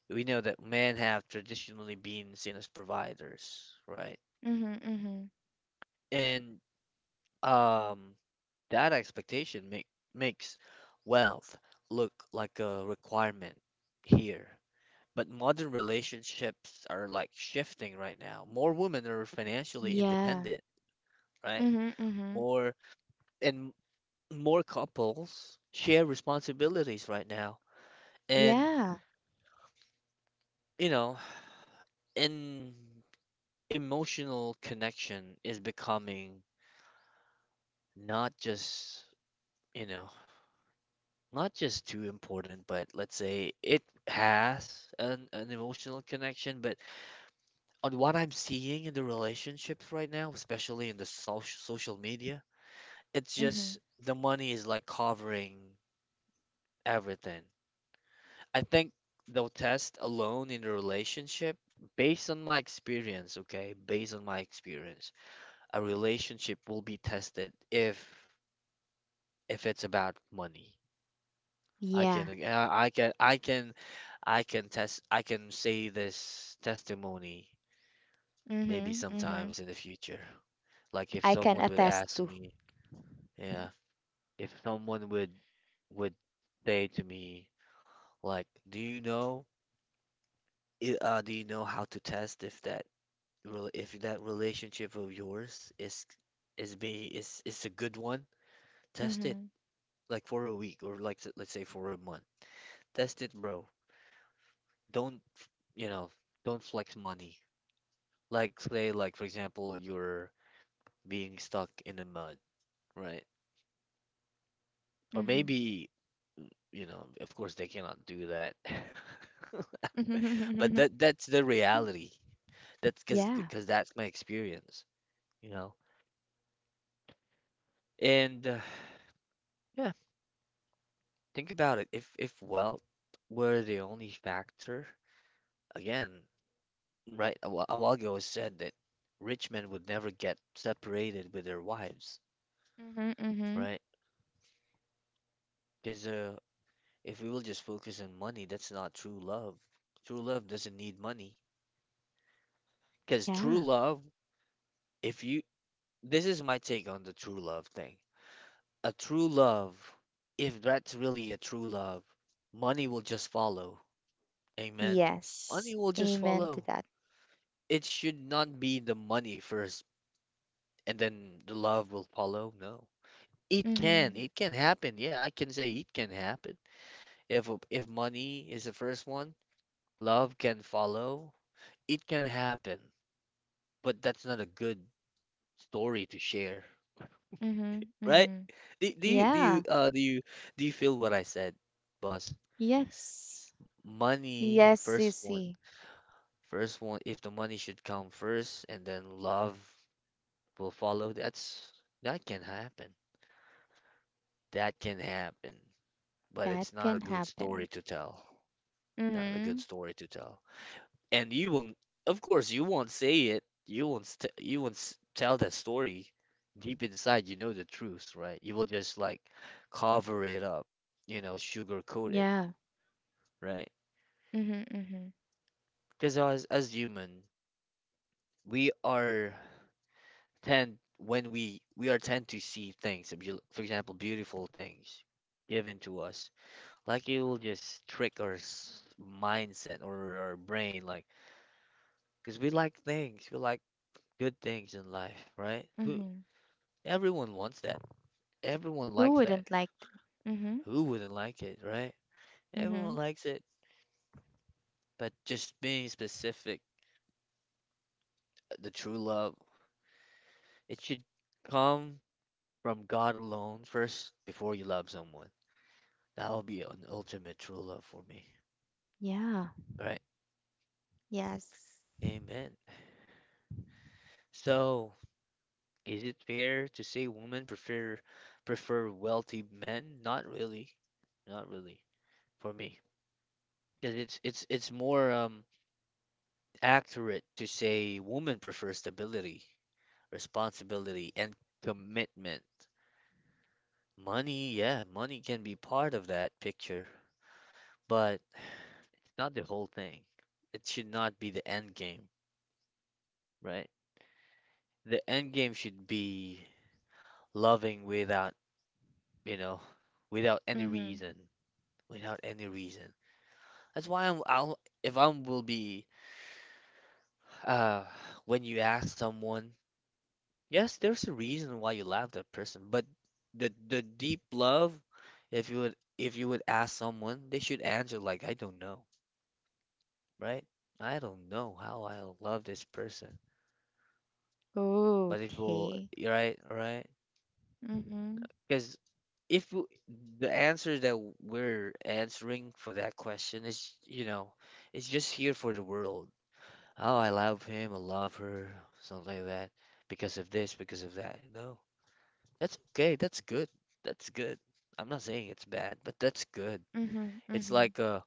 S1: we know that men have traditionally been seen as providers, right?
S2: Mhm. Mhm.
S1: And um that expectation makes wealth look like a requirement here. But modern relationships are like shifting right now. More women are financially
S2: Yeah.
S1: independent, right?
S2: Mhm. Mhm.
S1: More and more couples share responsibilities right now, and
S2: Yeah.
S1: you know, and emotional connection is becoming not just, you know, not just too important, but let's say it has an emotional connection. But on what I'm seeing in the relationships right now, especially in the social media, it's
S2: Mhm.
S1: just the money is like covering everything. I think they'll test alone in a relationship. Based on my experience, okay, based on my experience, a relationship will be tested if it's about money. I
S2: Yeah.
S1: can ag- I can I can I can test I can say this testimony maybe
S2: Mhm. Mhm.
S1: sometimes in the future. Like if
S2: I can
S1: someone would
S2: attest
S1: ask
S2: to.
S1: me, yeah, if someone would say to me, like, do you know, do you know how to test if that if that relationship of yours is is a good one, test it
S2: Mhm.
S1: like for a week, or like, let's say for a month. Test it, bro. Don't f- you know, Don't flex money. Like say, like, for example, you're being stuck in the mud, right? Or
S2: Mhm.
S1: maybe, you know, of course they cannot do that. But
S2: Mhm.
S1: that's the reality. That's because
S2: Yeah.
S1: because that's my experience, you know. And yeah. Think about it. If wealth were the only factor, again, right, a while ago I said that rich men would never get separated with their wives,
S2: Mhm. Mhm.
S1: right? Because if we will just focus on money, that's not true love. True love doesn't need money. Because
S2: Yeah.
S1: true love, if you, this is my take on the true love thing. A true love, if that's really a true love, money will just follow. Amen.
S2: Yes.
S1: Money will just
S2: Amen to
S1: follow.
S2: that.
S1: It should not be the money first and then the love will follow. No. It can.
S2: Mhm.
S1: It can happen. Yeah, I can say it can happen. If money is the first one, love can follow. It can happen, but that's not a good story to share,
S2: Mhm.
S1: right?
S2: Mhm.
S1: Do, do you do
S2: Yeah.
S1: you do you do you feel what I said, boss?
S2: Yes.
S1: Money
S2: Yes, you
S1: first one.
S2: see.
S1: First one, if the money should come first and then love will follow, that's, that can happen. That can happen, but
S2: That
S1: it's not
S2: can
S1: a good
S2: happen.
S1: story to tell. Not a good
S2: Mhm.
S1: story to tell. And you will, of course, you won't say it. You won't, st you won't s- tell that story. Deep inside, you know the truth, right? You will just like cover it up, you know, sugarcoat it,
S2: Yeah.
S1: right?
S2: Mhm. Mhm.
S1: Because as human, we are we are tend to see things, for example, beautiful things given to us, like you will just trick our mindset or our brain, like because we like things, we like good things in life, right? who
S2: Mhm.
S1: Everyone wants that, everyone
S2: Who
S1: likes that,
S2: wouldn't like to? Mm-hmm.
S1: who wouldn't like it, right?
S2: Mm-hmm.
S1: Everyone likes it. But just being specific, the true love, it should come from God alone first before you love someone. That will be an ultimate true love for me,
S2: Yeah.
S1: right?
S2: Yes.
S1: Amen. So, is it fair to say women prefer wealthy men? Not really. Not really for me. 'Cause it's more accurate to say women prefer stability, responsibility, and commitment. Money, yeah, money can be part of that picture, but not the whole thing. It should not be the end game, right? The end game should be loving without, you know, without any
S2: Mm-hmm.
S1: reason, without any reason. That's why I'm, I'll if I will be uh when you ask someone, yes, there's a reason why you love that person, but the deep love, if you would ask someone, they should answer like, I don't know, right? I don't know how I love this person, but if we'll
S2: Okay.
S1: right, right,
S2: Mm-hmm.
S1: because if w the answer that we're answering for that question is, you know, it's just here for the world, oh, I love him, I love her, something like that, because of this, because of that. No, that's okay. That's good. That's good. I'm not saying it's bad, but that's good.
S2: Mm-hmm.
S1: It's
S2: Mm-hmm.
S1: like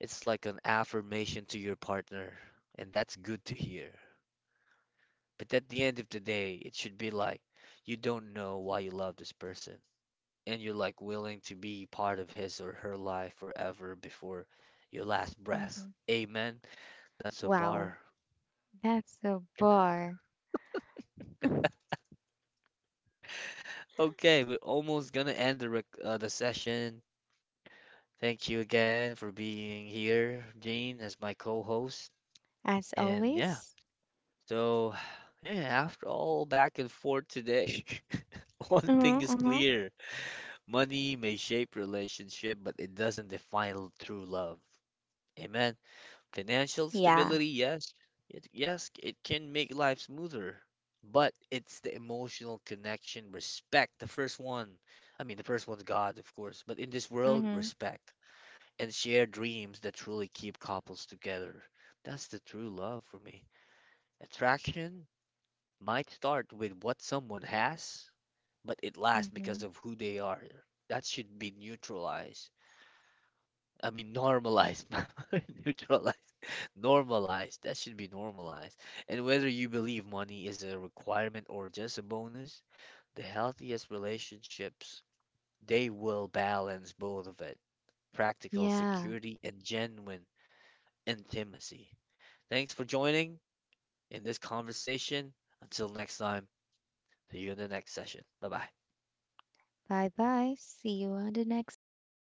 S1: it's like an affirmation to your partner, and that's good to hear. But at the end of the day, it should be like you don't know why you love this person, and you're like willing to be part of his or her life forever before your last
S2: Mm-hmm.
S1: breath. Amen. That's a
S2: Wow.
S1: bar.
S2: That's a bar.
S1: Okay, we're almost gonna end the rec the session. Thank you again for being here, Gene, as my co-host.
S2: As
S1: And yeah,
S2: always.
S1: so yeah, after all back and forth today, one
S2: Uh-huh.
S1: thing is
S2: Uh-huh.
S1: clear: money may shape relationship, but it doesn't define true love. Amen. Financial
S2: Yeah.
S1: stability, yes. It, yes, it can make life smoother, but it's the emotional connection, respect. The first one, I mean, the first one's God, of course, but in this world,
S2: Mm-hmm.
S1: respect and shared dreams that truly keep couples together. That's the true love for me. Attraction might start with what someone has, but it lasts
S2: Mm-hmm.
S1: because of who they are. That should be neutralized. I mean, normalized, neutralized. Normalized. That should be normalized. And whether you believe money is a requirement or just a bonus, the healthiest relationships, they will balance both of it, practical
S2: Yeah.
S1: security and genuine intimacy. Thanks for joining in this conversation. Until next time, see you in the next session. Bye bye.
S2: Bye bye. See you on the next session.